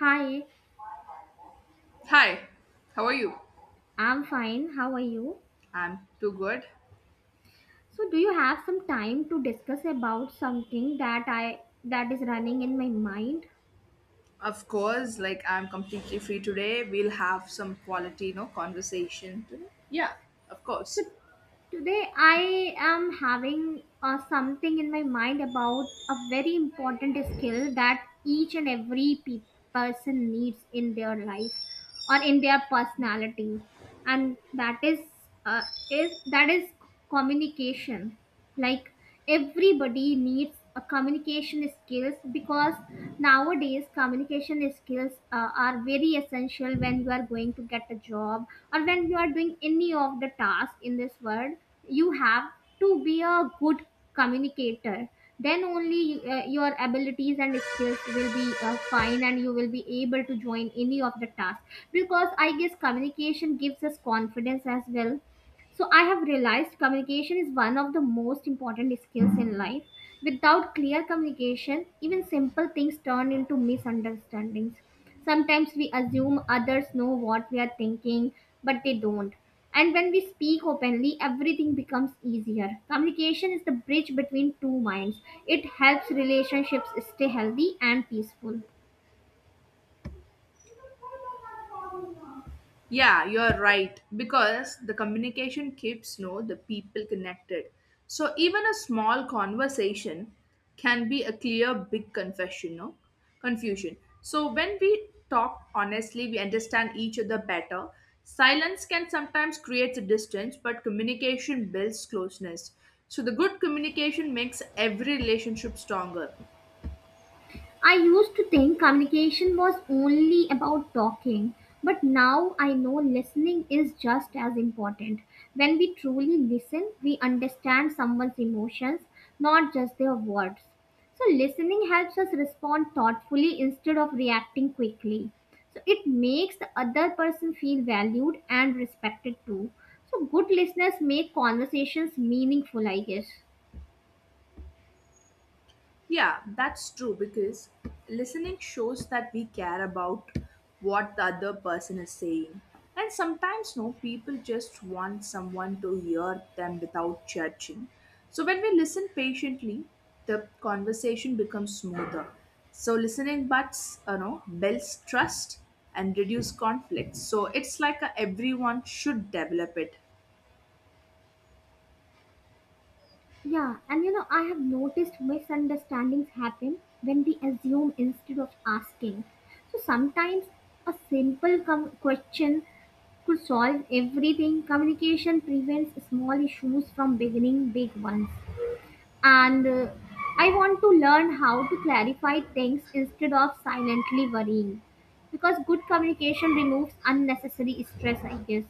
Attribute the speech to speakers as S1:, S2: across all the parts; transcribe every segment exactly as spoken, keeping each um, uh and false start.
S1: Hi,
S2: Hi, how are you?
S1: I'm fine. How are you?
S2: I'm too good.
S1: So, do you have some time to discuss about something that I that is running in my mind?
S2: Of course, like I'm completely free today. We'll have some quality, you know, conversation today. Yeah, of
S1: So,
S2: course.
S1: today I am having uh, something in my mind about a very important skill that each and every pe- person needs in their life, or in their personality, and that is uh, is that is communication. Like everybody needs a communication skills, because nowadays communication skills uh, are very essential when you are going to get a job or when you are doing any of the task in this world. You have to be a good communicator. Then only uh, your abilities and skills will be uh, fine and you will be able to join any of the tasks, because I guess communication gives us confidence as well. So I have realized communication is one of the most important skills in life. Without clear communication, even simple things turn into misunderstandings. Sometimes we assume others know what we are thinking, but they don't. And when we speak openly, everything becomes easier. Communication is the bridge between two minds. It helps relationships stay healthy and peaceful.
S2: Yeah, you're right. Because the communication keeps, you know, the people connected. So even a small conversation can be a clear big confession, no? Confusion. So when we talk honestly, we understand each other better. Silence can sometimes create a distance, but communication builds closeness. So the good communication makes every relationship stronger.
S1: I used to think communication was only about talking, but now I know listening is just as important. When we truly listen, we understand someone's emotions, not just their words. So, listening helps us respond thoughtfully instead of reacting quickly. So, it makes the other person feel valued and respected too. So, good listeners make conversations meaningful, I guess.
S2: Yeah, that's true, because listening shows that we care about what the other person is saying. And sometimes, no, people just want someone to hear them without judging. So, when we listen patiently, the conversation becomes smoother. So, listening butts, you know, builds trust and reduce conflict. So, it's like a, everyone should develop it.
S1: Yeah, and you know, I have noticed misunderstandings happen when we assume instead of asking. So sometimes a simple com- question could solve everything. Communication prevents small issues from beginning big ones. And uh, I want to learn how to clarify things instead of silently worrying, because good communication removes unnecessary stress, I guess.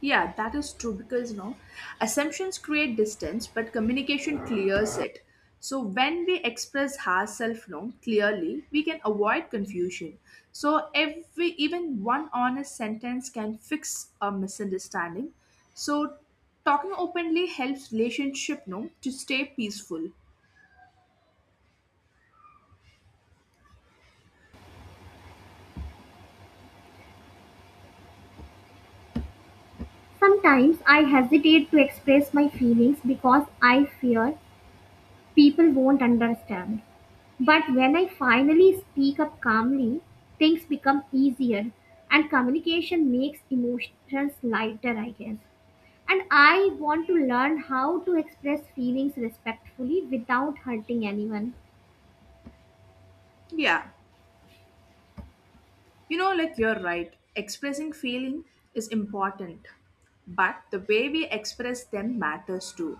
S2: Yeah, that is true, because, you know, assumptions create distance, but communication clears it. So when we express ourselves, you know, clearly, we can avoid confusion. So every even one honest sentence can fix a misunderstanding. So talking openly helps relationship, you know, to stay peaceful.
S1: Sometimes I hesitate to express my feelings because I fear people won't understand. But when I finally speak up calmly, things become easier and communication makes emotions lighter, I guess. And I want to learn how to express feelings respectfully without hurting anyone.
S2: Yeah. You know, like you're right, expressing feeling is important, but the way we express them matters too.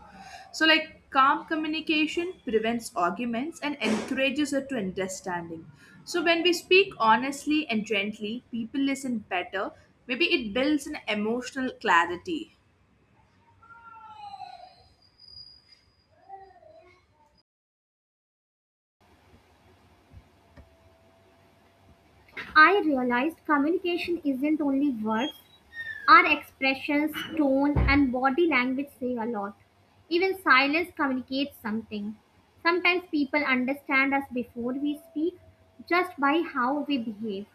S2: So, like, calm communication prevents arguments and encourages it to understanding. So, when we speak honestly and gently, people listen better. Maybe it builds an emotional clarity.
S1: I realized communication isn't only words. Our expressions, tone, and body language say a lot. Even silence communicates something. Sometimes people understand us before we speak, just by how we behave.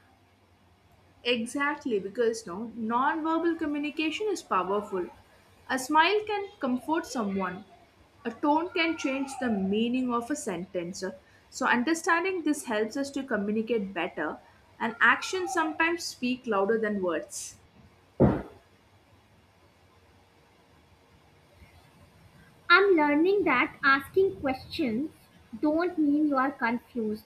S2: Exactly, because no non-verbal communication is powerful. A smile can comfort someone. A tone can change the meaning of a sentence. So understanding this helps us to communicate better, and actions sometimes speak louder than words.
S1: I'm learning that asking questions don't mean you are confused.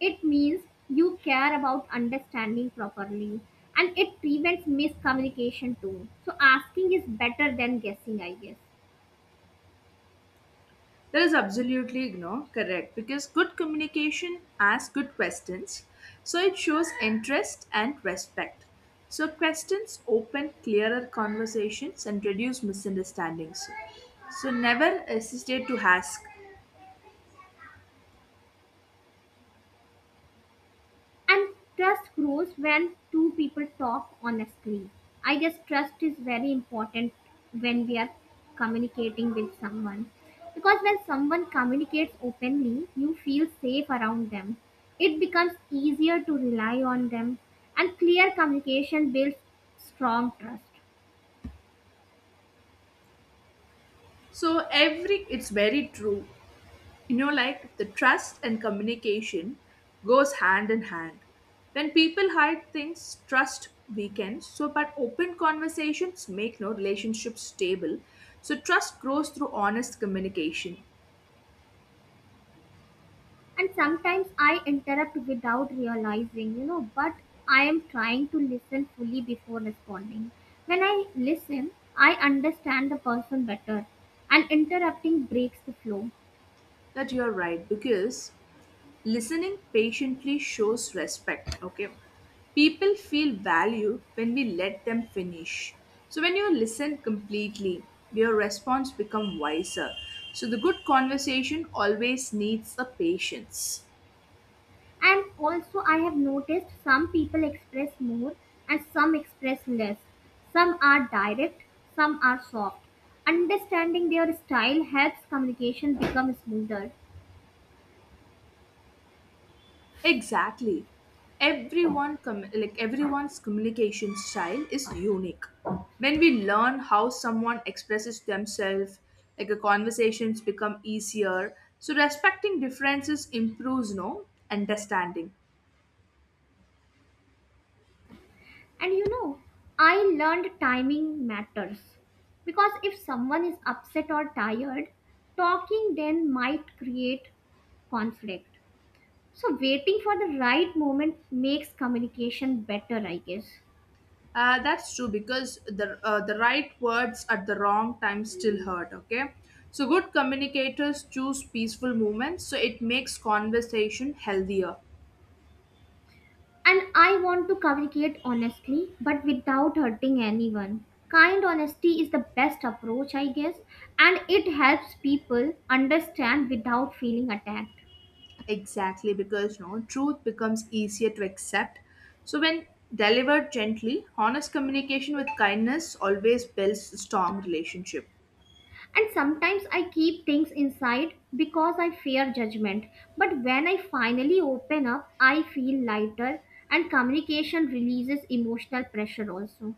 S1: It means you care about understanding properly and it prevents miscommunication too. So asking is better than guessing, I guess.
S2: That is absolutely, you know, correct, because good communication asks good questions. So it shows interest and respect. So questions open clearer conversations and reduce misunderstandings. So never hesitate to ask.
S1: And trust grows when two people talk honestly. I guess trust is very important when we are communicating with someone. Because when someone communicates openly, you feel safe around them. It becomes easier to rely on them, and clear communication builds strong trust.
S2: So every it's very true, you know, like the trust and communication goes hand in hand. When people hide things trust weakens, so but open conversations make no relationship stable. So trust grows through honest communication.
S1: And sometimes I interrupt without realizing, you know but I am trying to listen fully before responding. When I listen, I understand the person better, and interrupting breaks the flow.
S2: That you're right, because listening patiently shows respect. Okay, people feel valued when we let them finish. So when you listen completely your response become wiser. So the good conversation always needs a patience.
S1: And also I have noticed some people express more and some express less. Some are direct, some are soft. Understanding their style helps communication become smoother.
S2: Exactly. Everyone com- like everyone's communication style is unique. When we learn how someone expresses themselves, like the conversations become easier. So respecting differences improves no understanding.
S1: And you know, I learned timing matters, because if someone is upset or tired, talking then might create conflict. So, waiting for the right moment makes communication better, I guess.
S2: Uh, that's true, because the uh, the right words at the wrong time still hurt. Okay, so good communicators choose peaceful moments, so it makes conversation healthier.
S1: And I want to communicate honestly but without hurting anyone. Kind honesty is the best approach, I guess, and it helps people understand without feeling attacked.
S2: Exactly, because no truth becomes easier to accept. So when delivered gently, honest communication with kindness always builds a strong relationship.
S1: And sometimes I keep things inside because I fear judgment. But when I finally open up, I feel lighter, and communication releases emotional pressure also.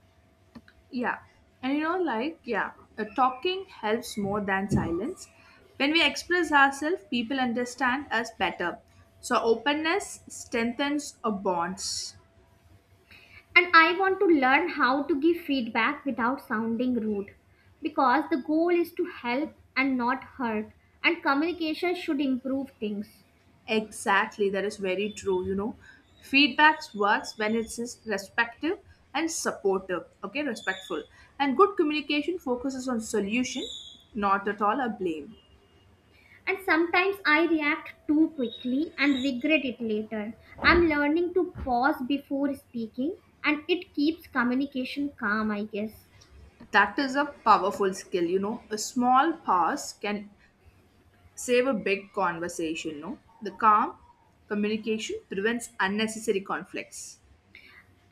S2: Yeah. And, you know, like, yeah, uh, talking helps more than silence. When we express ourselves, people understand us better. So openness strengthens our bonds.
S1: And I want to learn how to give feedback without sounding rude, because the goal is to help and not hurt, and communication should improve things.
S2: Exactly, that is very true. You know, feedbacks works when it is respective and supportive. Okay, respectful and good communication focuses on solution, not at all a blame.
S1: And sometimes I react too quickly and regret it later. I'm learning to pause before speaking, and it keeps communication calm, I guess.
S2: That is a powerful skill. You know, a small pause can save a big conversation. No, the calm communication prevents unnecessary conflicts.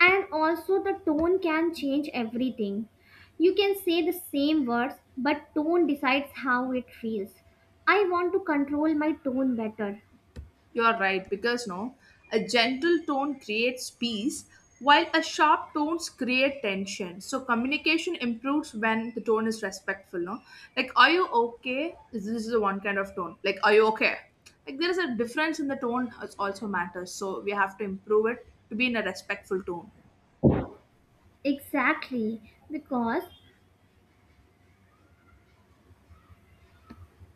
S1: And also, the tone can change everything. You can say the same words, but tone decides how it feels. I want to control my tone better.
S2: You are right, because no, a gentle tone creates peace while a sharp tones create tension. So communication improves when the tone is respectful, no? Like, are you okay? This is the one kind of tone. Like, are you okay? Like there is a difference in the tone, it also matters. So we have to improve it to be in a respectful tone.
S1: Exactly, because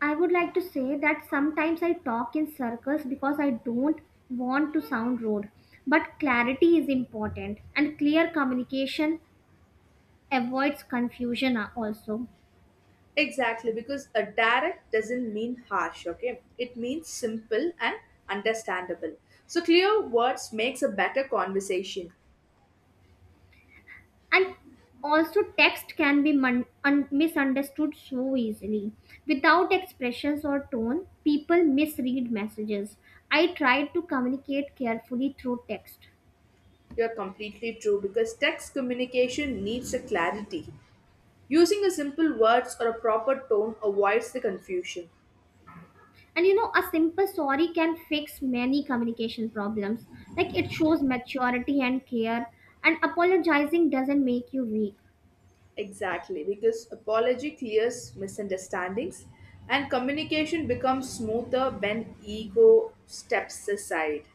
S1: I would like to say that sometimes I talk in circles because I don't want to sound rude. But clarity is important, and clear communication avoids confusion a- also.
S2: Exactly, because a direct doesn't mean harsh, okay? It means simple and understandable. So clear words makes a better conversation.
S1: And also, text can be mun- un- misunderstood so easily. Without expressions or tone, people misread messages. I try to communicate carefully through text.
S2: You're completely true, because text communication needs a clarity. Using a simple words or a proper tone avoids the confusion.
S1: And you know, a simple sorry can fix many communication problems. Like it shows maturity and care, and apologizing doesn't make you weak.
S2: Exactly, because apology clears misunderstandings and communication becomes smoother when ego steps aside.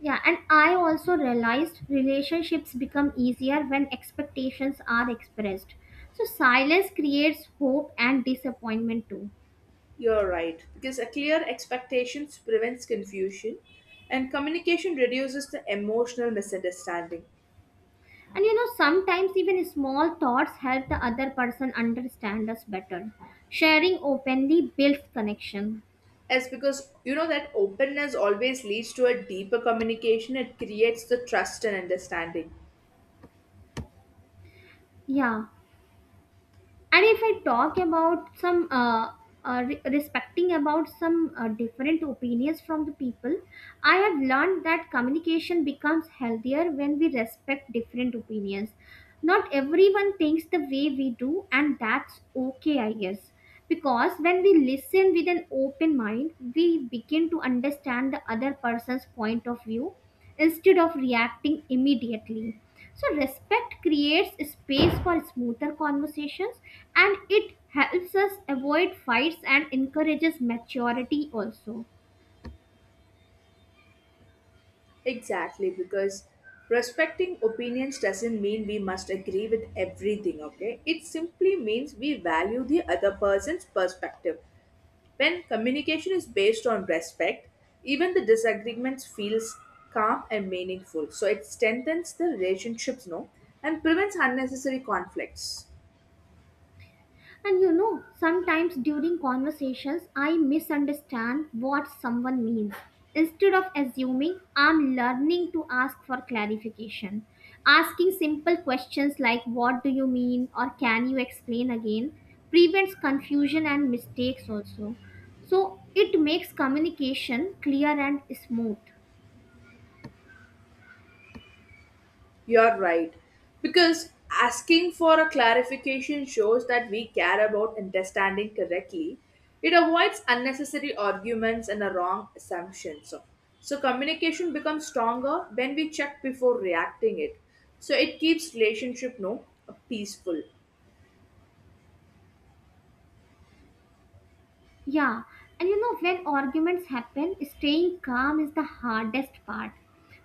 S1: Yeah, and I also realized relationships become easier when expectations are expressed. So silence creates hope and disappointment too.
S2: You're right, because a clear expectations prevents confusion and communication reduces the emotional misunderstanding.
S1: And you know, sometimes even small thoughts help the other person understand us better. Sharing openly builds connection.
S2: Yes, because you know that openness always leads to a deeper communication. It creates the trust and understanding.
S1: Yeah. And if I talk about some uh, uh, re- respecting about some uh, different opinions from the people, I have learned that communication becomes healthier when we respect different opinions. Not everyone thinks the way we do, and that's okay, I guess. Because when we listen with an open mind, we begin to understand the other person's point of view instead of reacting immediately. So, respect creates space for smoother conversations, and it helps us avoid fights and encourages maturity also.
S2: Exactly, because respecting opinions doesn't mean we must agree with everything, okay? It simply means we value the other person's perspective. When communication is based on respect, even the disagreements feels calm and meaningful. So it strengthens the relationships, no, and prevents unnecessary conflicts.
S1: And you know, sometimes during conversations, I misunderstand what someone means. Instead of assuming, I'm learning to ask for clarification. Asking simple questions like, "What do you mean?" or "Can you explain again?" prevents confusion and mistakes also. So it makes communication clear and smooth.
S2: You're right. Because asking for a clarification shows that we care about understanding correctly. It avoids unnecessary arguments and a wrong assumptions. So, so communication becomes stronger when we check before reacting it. So it keeps relationship no peaceful.
S1: Yeah, and you know, when arguments happen, staying calm is the hardest part.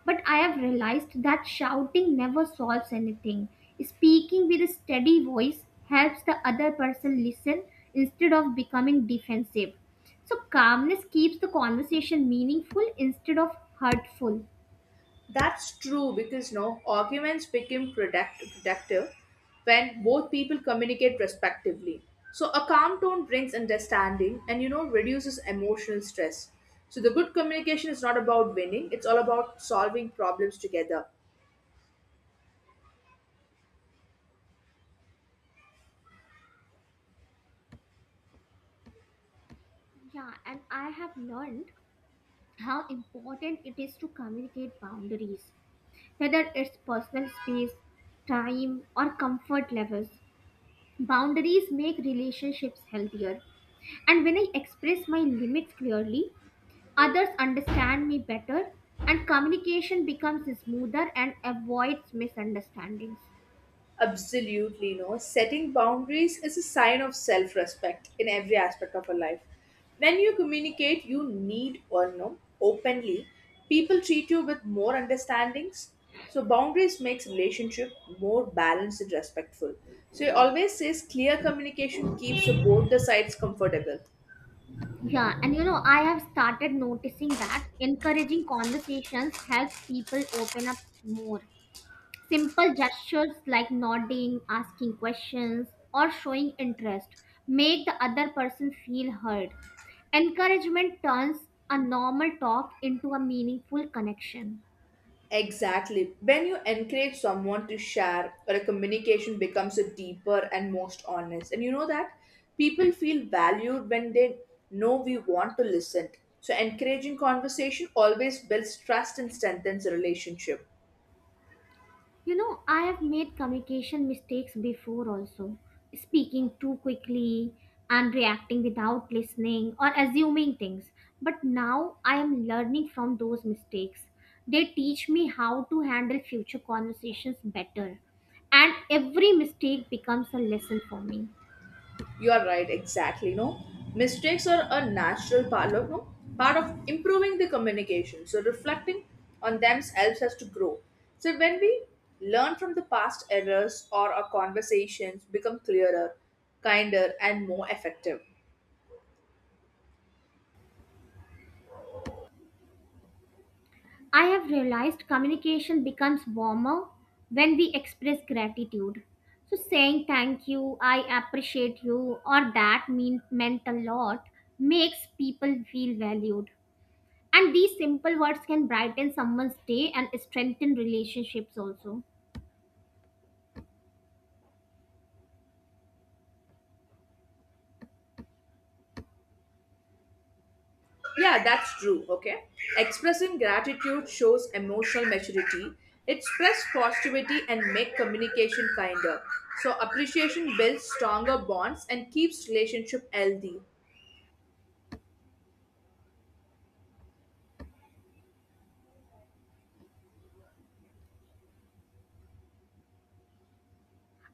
S1: But I have realized that shouting never solves anything. Speaking with a steady voice helps the other person listen instead of becoming defensive. So, calmness keeps the conversation meaningful instead of hurtful.
S2: That's true because no arguments become product- productive when both people communicate respectively. So a calm tone brings understanding and, you know, reduces emotional stress. So the good communication is not about winning; it's all about solving problems together.
S1: Yeah, and I have learned how important it is to communicate boundaries, whether it's personal space, time, or comfort levels. Boundaries make relationships healthier. And when I express my limits clearly, others understand me better and communication becomes smoother and avoids misunderstandings.
S2: Absolutely, no. Setting boundaries is a sign of self respect in every aspect of our life. When you communicate, you need or no openly, people treat you with more understandings. So boundaries makes relationship more balanced and respectful. So it always says clear communication keeps both the sides comfortable.
S1: Yeah, and you know, I have started noticing that encouraging conversations helps people open up more. Simple gestures like nodding, asking questions, or showing interest make the other person feel heard. Encouragement turns a normal talk into a meaningful connection.
S2: Exactly. When you encourage someone to share, a communication becomes a deeper and most honest. And you know that people feel valued when they know we want to listen. So encouraging conversation always builds trust and strengthens a relationship.
S1: You know, I have made communication mistakes before also. Speaking too quickly and reacting without listening or assuming things. But now I am learning from those mistakes. They teach me how to handle future conversations better. And every mistake becomes a lesson for me.
S2: You are right, exactly. No, mistakes are a natural part of no part of improving the communication. So reflecting on them helps us to grow. So when we learn from the past errors, or our conversations become clearer, kinder, and more effective.
S1: I have realized communication becomes warmer when we express gratitude. So saying thank you, I appreciate you, or that mean meant a lot makes people feel valued. And these simple words can brighten someone's day and strengthen relationships also.
S2: Yeah, that's true. Okay, expressing gratitude shows emotional maturity. It spreads positivity and make communication kinder. So appreciation builds stronger bonds and keeps relationship healthy.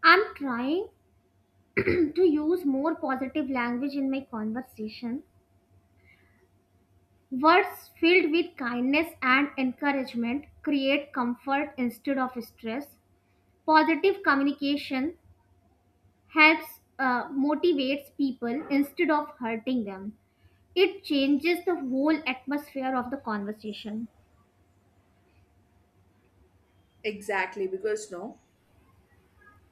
S1: I'm trying to use more positive language in my conversation. Words filled with kindness and encouragement create comfort instead of stress. Positive communication helps uh, motivates people instead of hurting them. It changes the whole atmosphere of the conversation.
S2: Exactly, because no,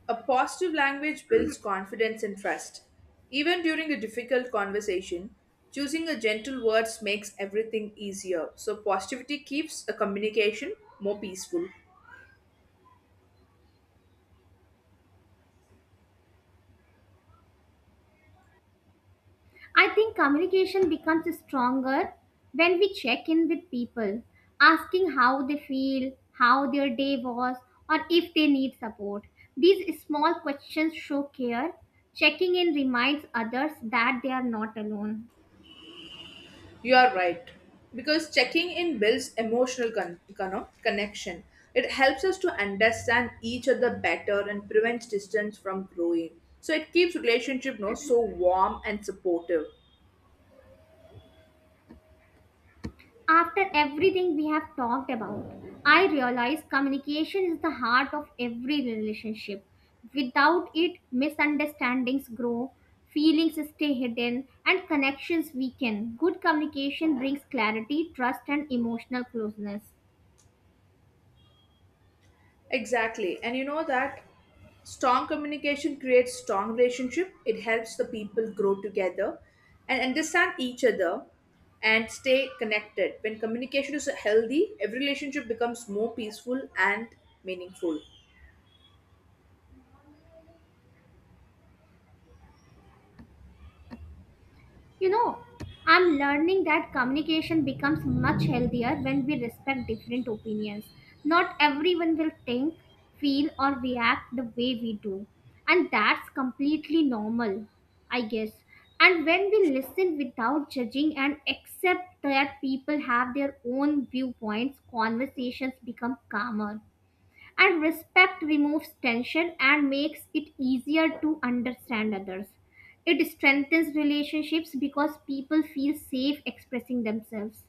S2: a positive language builds confidence and trust. Even during a difficult conversation, choosing a gentle words makes everything easier. So positivity keeps a communication more peaceful.
S1: I think communication becomes stronger when we check in with people, asking how they feel, how their day was, or if they need support. These small questions show care. Checking in reminds others that they are not alone.
S2: You are right. Because checking in builds emotional con- con- no, connection. It helps us to understand each other better and prevents distance from growing. So it keeps relationship no so warm and supportive.
S1: After everything we have talked about, I realize communication is the heart of every relationship. Without it, misunderstandings grow, feelings stay hidden, and connections weaken. Good communication brings clarity, trust, and emotional closeness.
S2: Exactly. And you know that strong communication creates strong relationship. It helps the people grow together and understand each other and stay connected. When communication is healthy, every relationship becomes more peaceful and meaningful.
S1: You know, I'm learning that communication becomes much healthier when we respect different opinions. Not everyone will think, feel, or react the way we do, and that's completely normal, I guess. And when we listen without judging and accept that people have their own viewpoints, conversations become calmer. And respect removes tension and makes it easier to understand others. It strengthens relationships because people feel safe expressing themselves.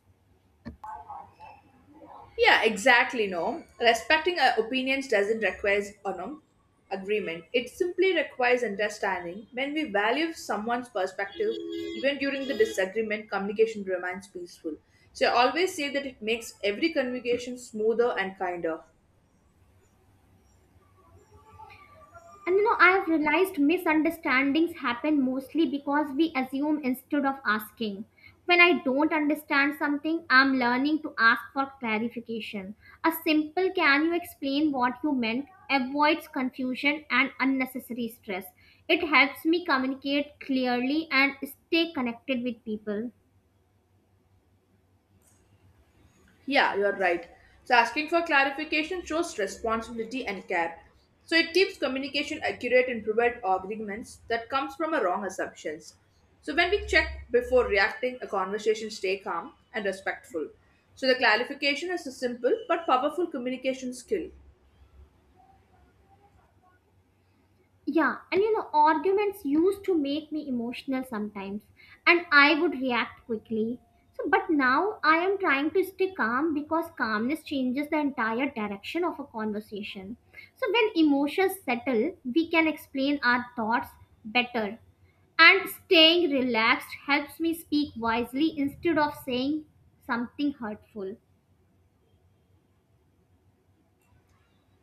S2: Yeah, exactly. No, respecting uh, opinions doesn't require uh, no, agreement. It simply requires understanding. When we value someone's perspective, even during the disagreement, communication remains peaceful. So I always say that it makes every communication smoother and kinder.
S1: And you know, I have realized misunderstandings happen mostly because we assume instead of asking. When I don't understand something, I'm learning to ask for clarification. A simple "Can you explain what you meant" avoids confusion and unnecessary stress. It helps me communicate clearly and stay connected with people.
S2: Yeah, you're right. So asking for clarification shows responsibility and care. So it keeps communication accurate and prevents arguments that comes from a wrong assumptions. So when we check before reacting, a conversation stay calm and respectful. So the clarification is a simple but powerful communication skill.
S1: Yeah, and you know, arguments used to make me emotional sometimes, and I would react quickly. So, but now I am trying to stay calm because calmness changes the entire direction of a conversation. So, when emotions settle, we can explain our thoughts better. And staying relaxed helps me speak wisely instead of saying something hurtful.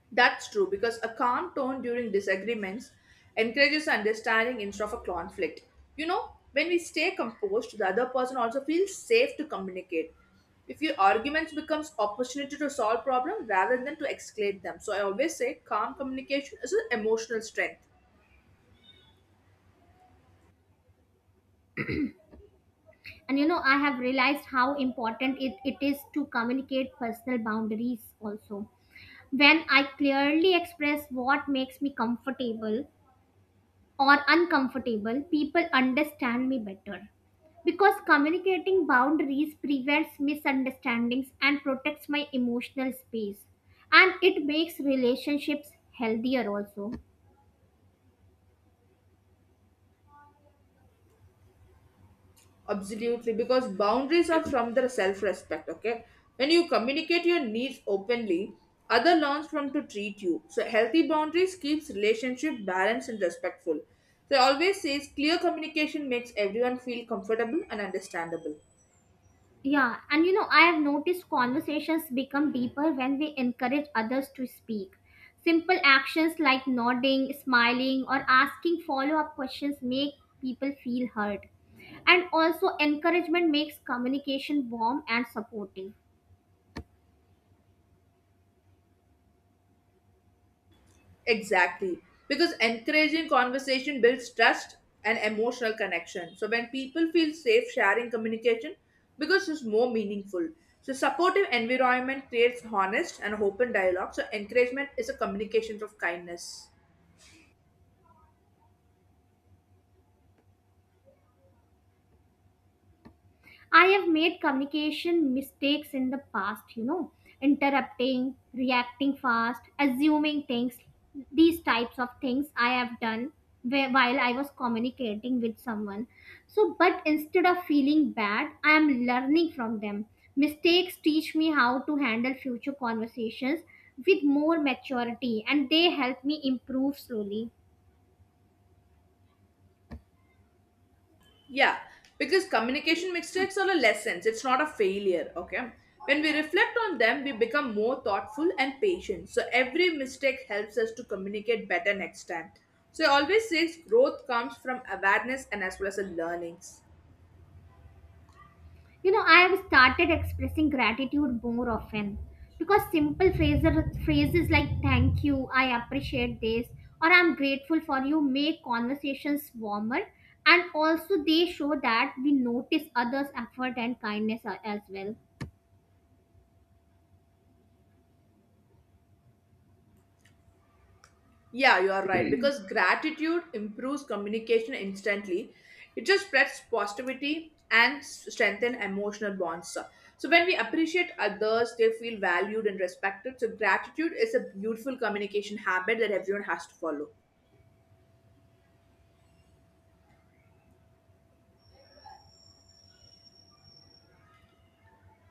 S2: That's true, because a calm tone during disagreements encourages understanding instead of a conflict. You know, when we stay composed, the other person also feels safe to communicate. If your arguments becomes opportunity to solve problem rather than to escalate them. So I always say calm communication is an emotional strength.
S1: And you know, I have realized how important it, it is to communicate personal boundaries also. When I clearly express what makes me comfortable or uncomfortable, people understand me better. Because communicating boundaries prevents misunderstandings and protects my emotional space. And it makes relationships healthier also.
S2: Absolutely, because boundaries are from the self respect, okay? When you communicate your needs openly, other learns from to treat you. So healthy boundaries keeps relationship balanced and respectful. So I always says clear communication makes everyone feel comfortable and understandable.
S1: Yeah, and you know, I have noticed conversations become deeper when we encourage others to speak. Simple actions like nodding, smiling, or asking follow up questions make people feel heard. And also, encouragement makes communication warm and supportive.
S2: Exactly. Because encouraging conversation builds trust and emotional connection. So when people feel safe sharing communication, because it's more meaningful. So supportive environment creates honest and open dialogue. So encouragement is a communication of kindness.
S1: I have made communication mistakes in the past, you know, interrupting, reacting fast, assuming things. These types of things I have done whe- while I was communicating with someone. So, but instead of feeling bad, I am learning from them. Mistakes teach me how to handle future conversations with more maturity, and they help me improve slowly.
S2: Yeah, because communication mistakes are a lessons, it's not a failure, okay? When we reflect on them, we become more thoughtful and patient. So every mistake helps us to communicate better next time. So I always say growth comes from awareness and as well as a learnings.
S1: You know, I have started expressing gratitude more often because simple phrases, phrases like thank you, I appreciate this, or I'm grateful for you make conversations warmer, and also they show that we notice others' effort and kindness a- as well.
S2: Yeah, you are right. Because gratitude improves communication instantly. It just spreads positivity and strengthens emotional bonds. So when we appreciate others, they feel valued and respected. So gratitude is a beautiful communication habit that everyone has to follow.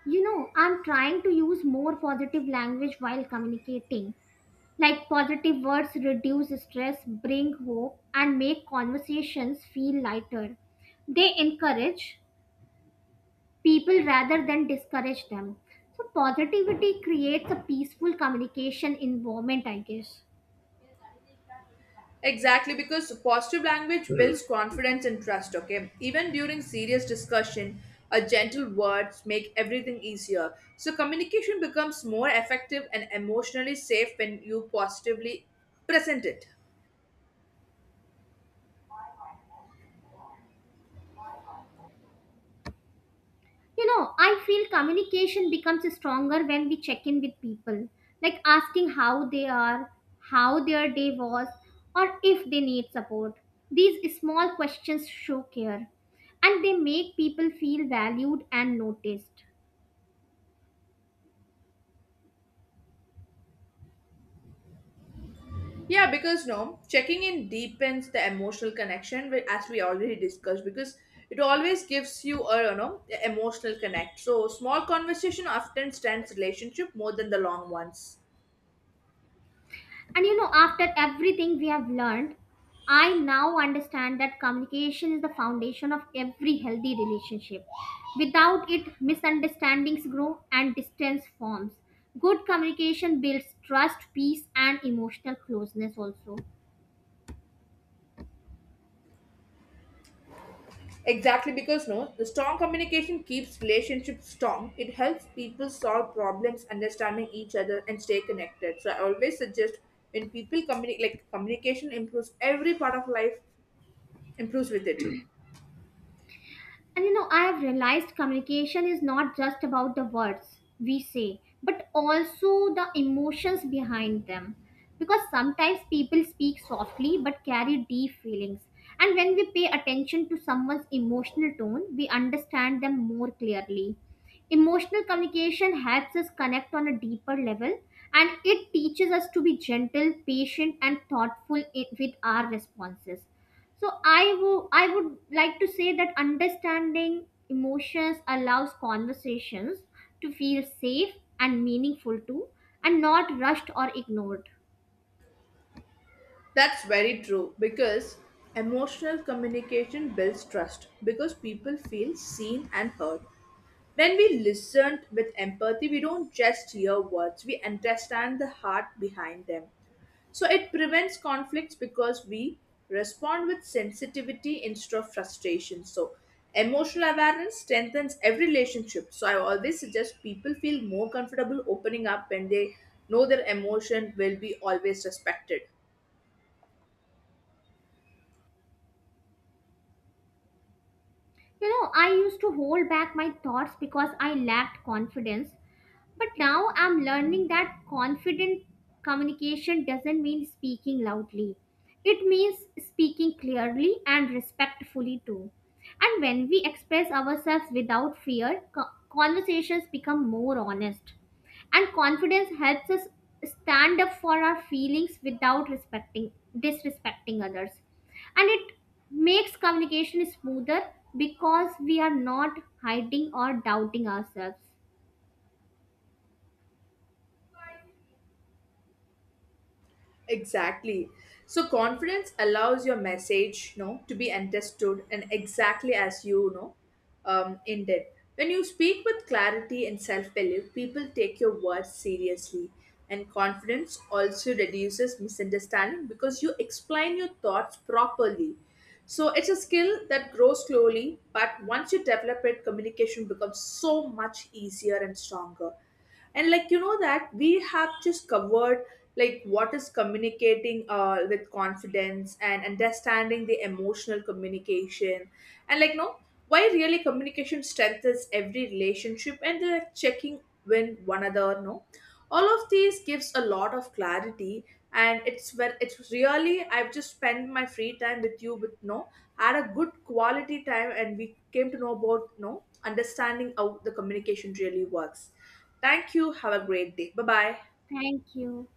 S1: You know, I'm trying to use more positive language while communicating. Like positive words reduce stress, bring hope, and make conversations feel lighter. They encourage people rather than discourage them. So positivity creates a peaceful communication environment, I guess.
S2: Exactly, because positive language
S1: You
S2: builds confidence and trust, okay? Even during serious discussion, a gentle words make everything easier. So communication becomes more effective and emotionally safe when you positively present it.
S1: know, I feel communication becomes stronger when we check in with people, like asking how they are, how their day was, or if they need support. These small questions show care, and they make people feel valued and noticed.
S2: Yeah, because no, checking in deepens the emotional connection, wi- as we already discussed, because it always gives you a, you know, emotional connect. So small conversation often stands relationship more than the long ones.
S1: And you know, after everything we have learned, I now understand that communication is the foundation of every healthy relationship. Without it, misunderstandings grow and distance forms. Good communication builds trust, peace, and emotional closeness also.
S2: Exactly, because no, the strong communication keeps relationships strong. It helps people solve problems, understanding each other, and stay connected. So I always suggest when people communicate, like communication improves every part of life, improves with it.
S1: And you know, I have realized communication is not just about the words we say, but also the emotions behind them. Because sometimes people speak softly but carry deep feelings. And when we pay attention to someone's emotional tone, we understand them more clearly. Emotional communication helps us connect on a deeper level, and it teaches us to be gentle, patient, and thoughtful i- with our responses. So I wo- I would like to say that understanding emotions allows conversations to feel safe and meaningful too, and not rushed or ignored.
S2: That's very true, because emotional communication builds trust because people feel seen and heard. When we listen with empathy, we don't just hear words, we understand the heart behind them. So it prevents conflicts because we respond with sensitivity instead of frustration. So emotional awareness strengthens every relationship. So I always suggest people feel more comfortable opening up when they know their emotion will be always respected.
S1: You know, I used to hold back my thoughts because I lacked confidence. But now I'm learning that confident communication doesn't mean speaking loudly. It means speaking clearly and respectfully too. And when we express ourselves without fear, co- conversations become more honest, and confidence helps us stand up for our feelings without respecting disrespecting others, and it makes communication smoother because we are not hiding or doubting ourselves.
S2: Exactly. So confidence allows your message, you know, to be understood and exactly as you, you know, um, intended. When you speak with clarity and self-belief, people take your words seriously. And confidence also reduces misunderstanding because you explain your thoughts properly. So it's a skill that grows slowly, but once you develop it, communication becomes so much easier and stronger. And, like, you know that we have just covered like what is communicating uh, with confidence and understanding the emotional communication, and like no why really communication strengthens every relationship and the checking when one another, no, all of these gives a lot of clarity. And it's when it's really I've just spent my free time with you with no, had a good quality time, and we came to know about, you know, understanding how the communication really works. Thank you, have a great day, bye bye.
S1: Thank you.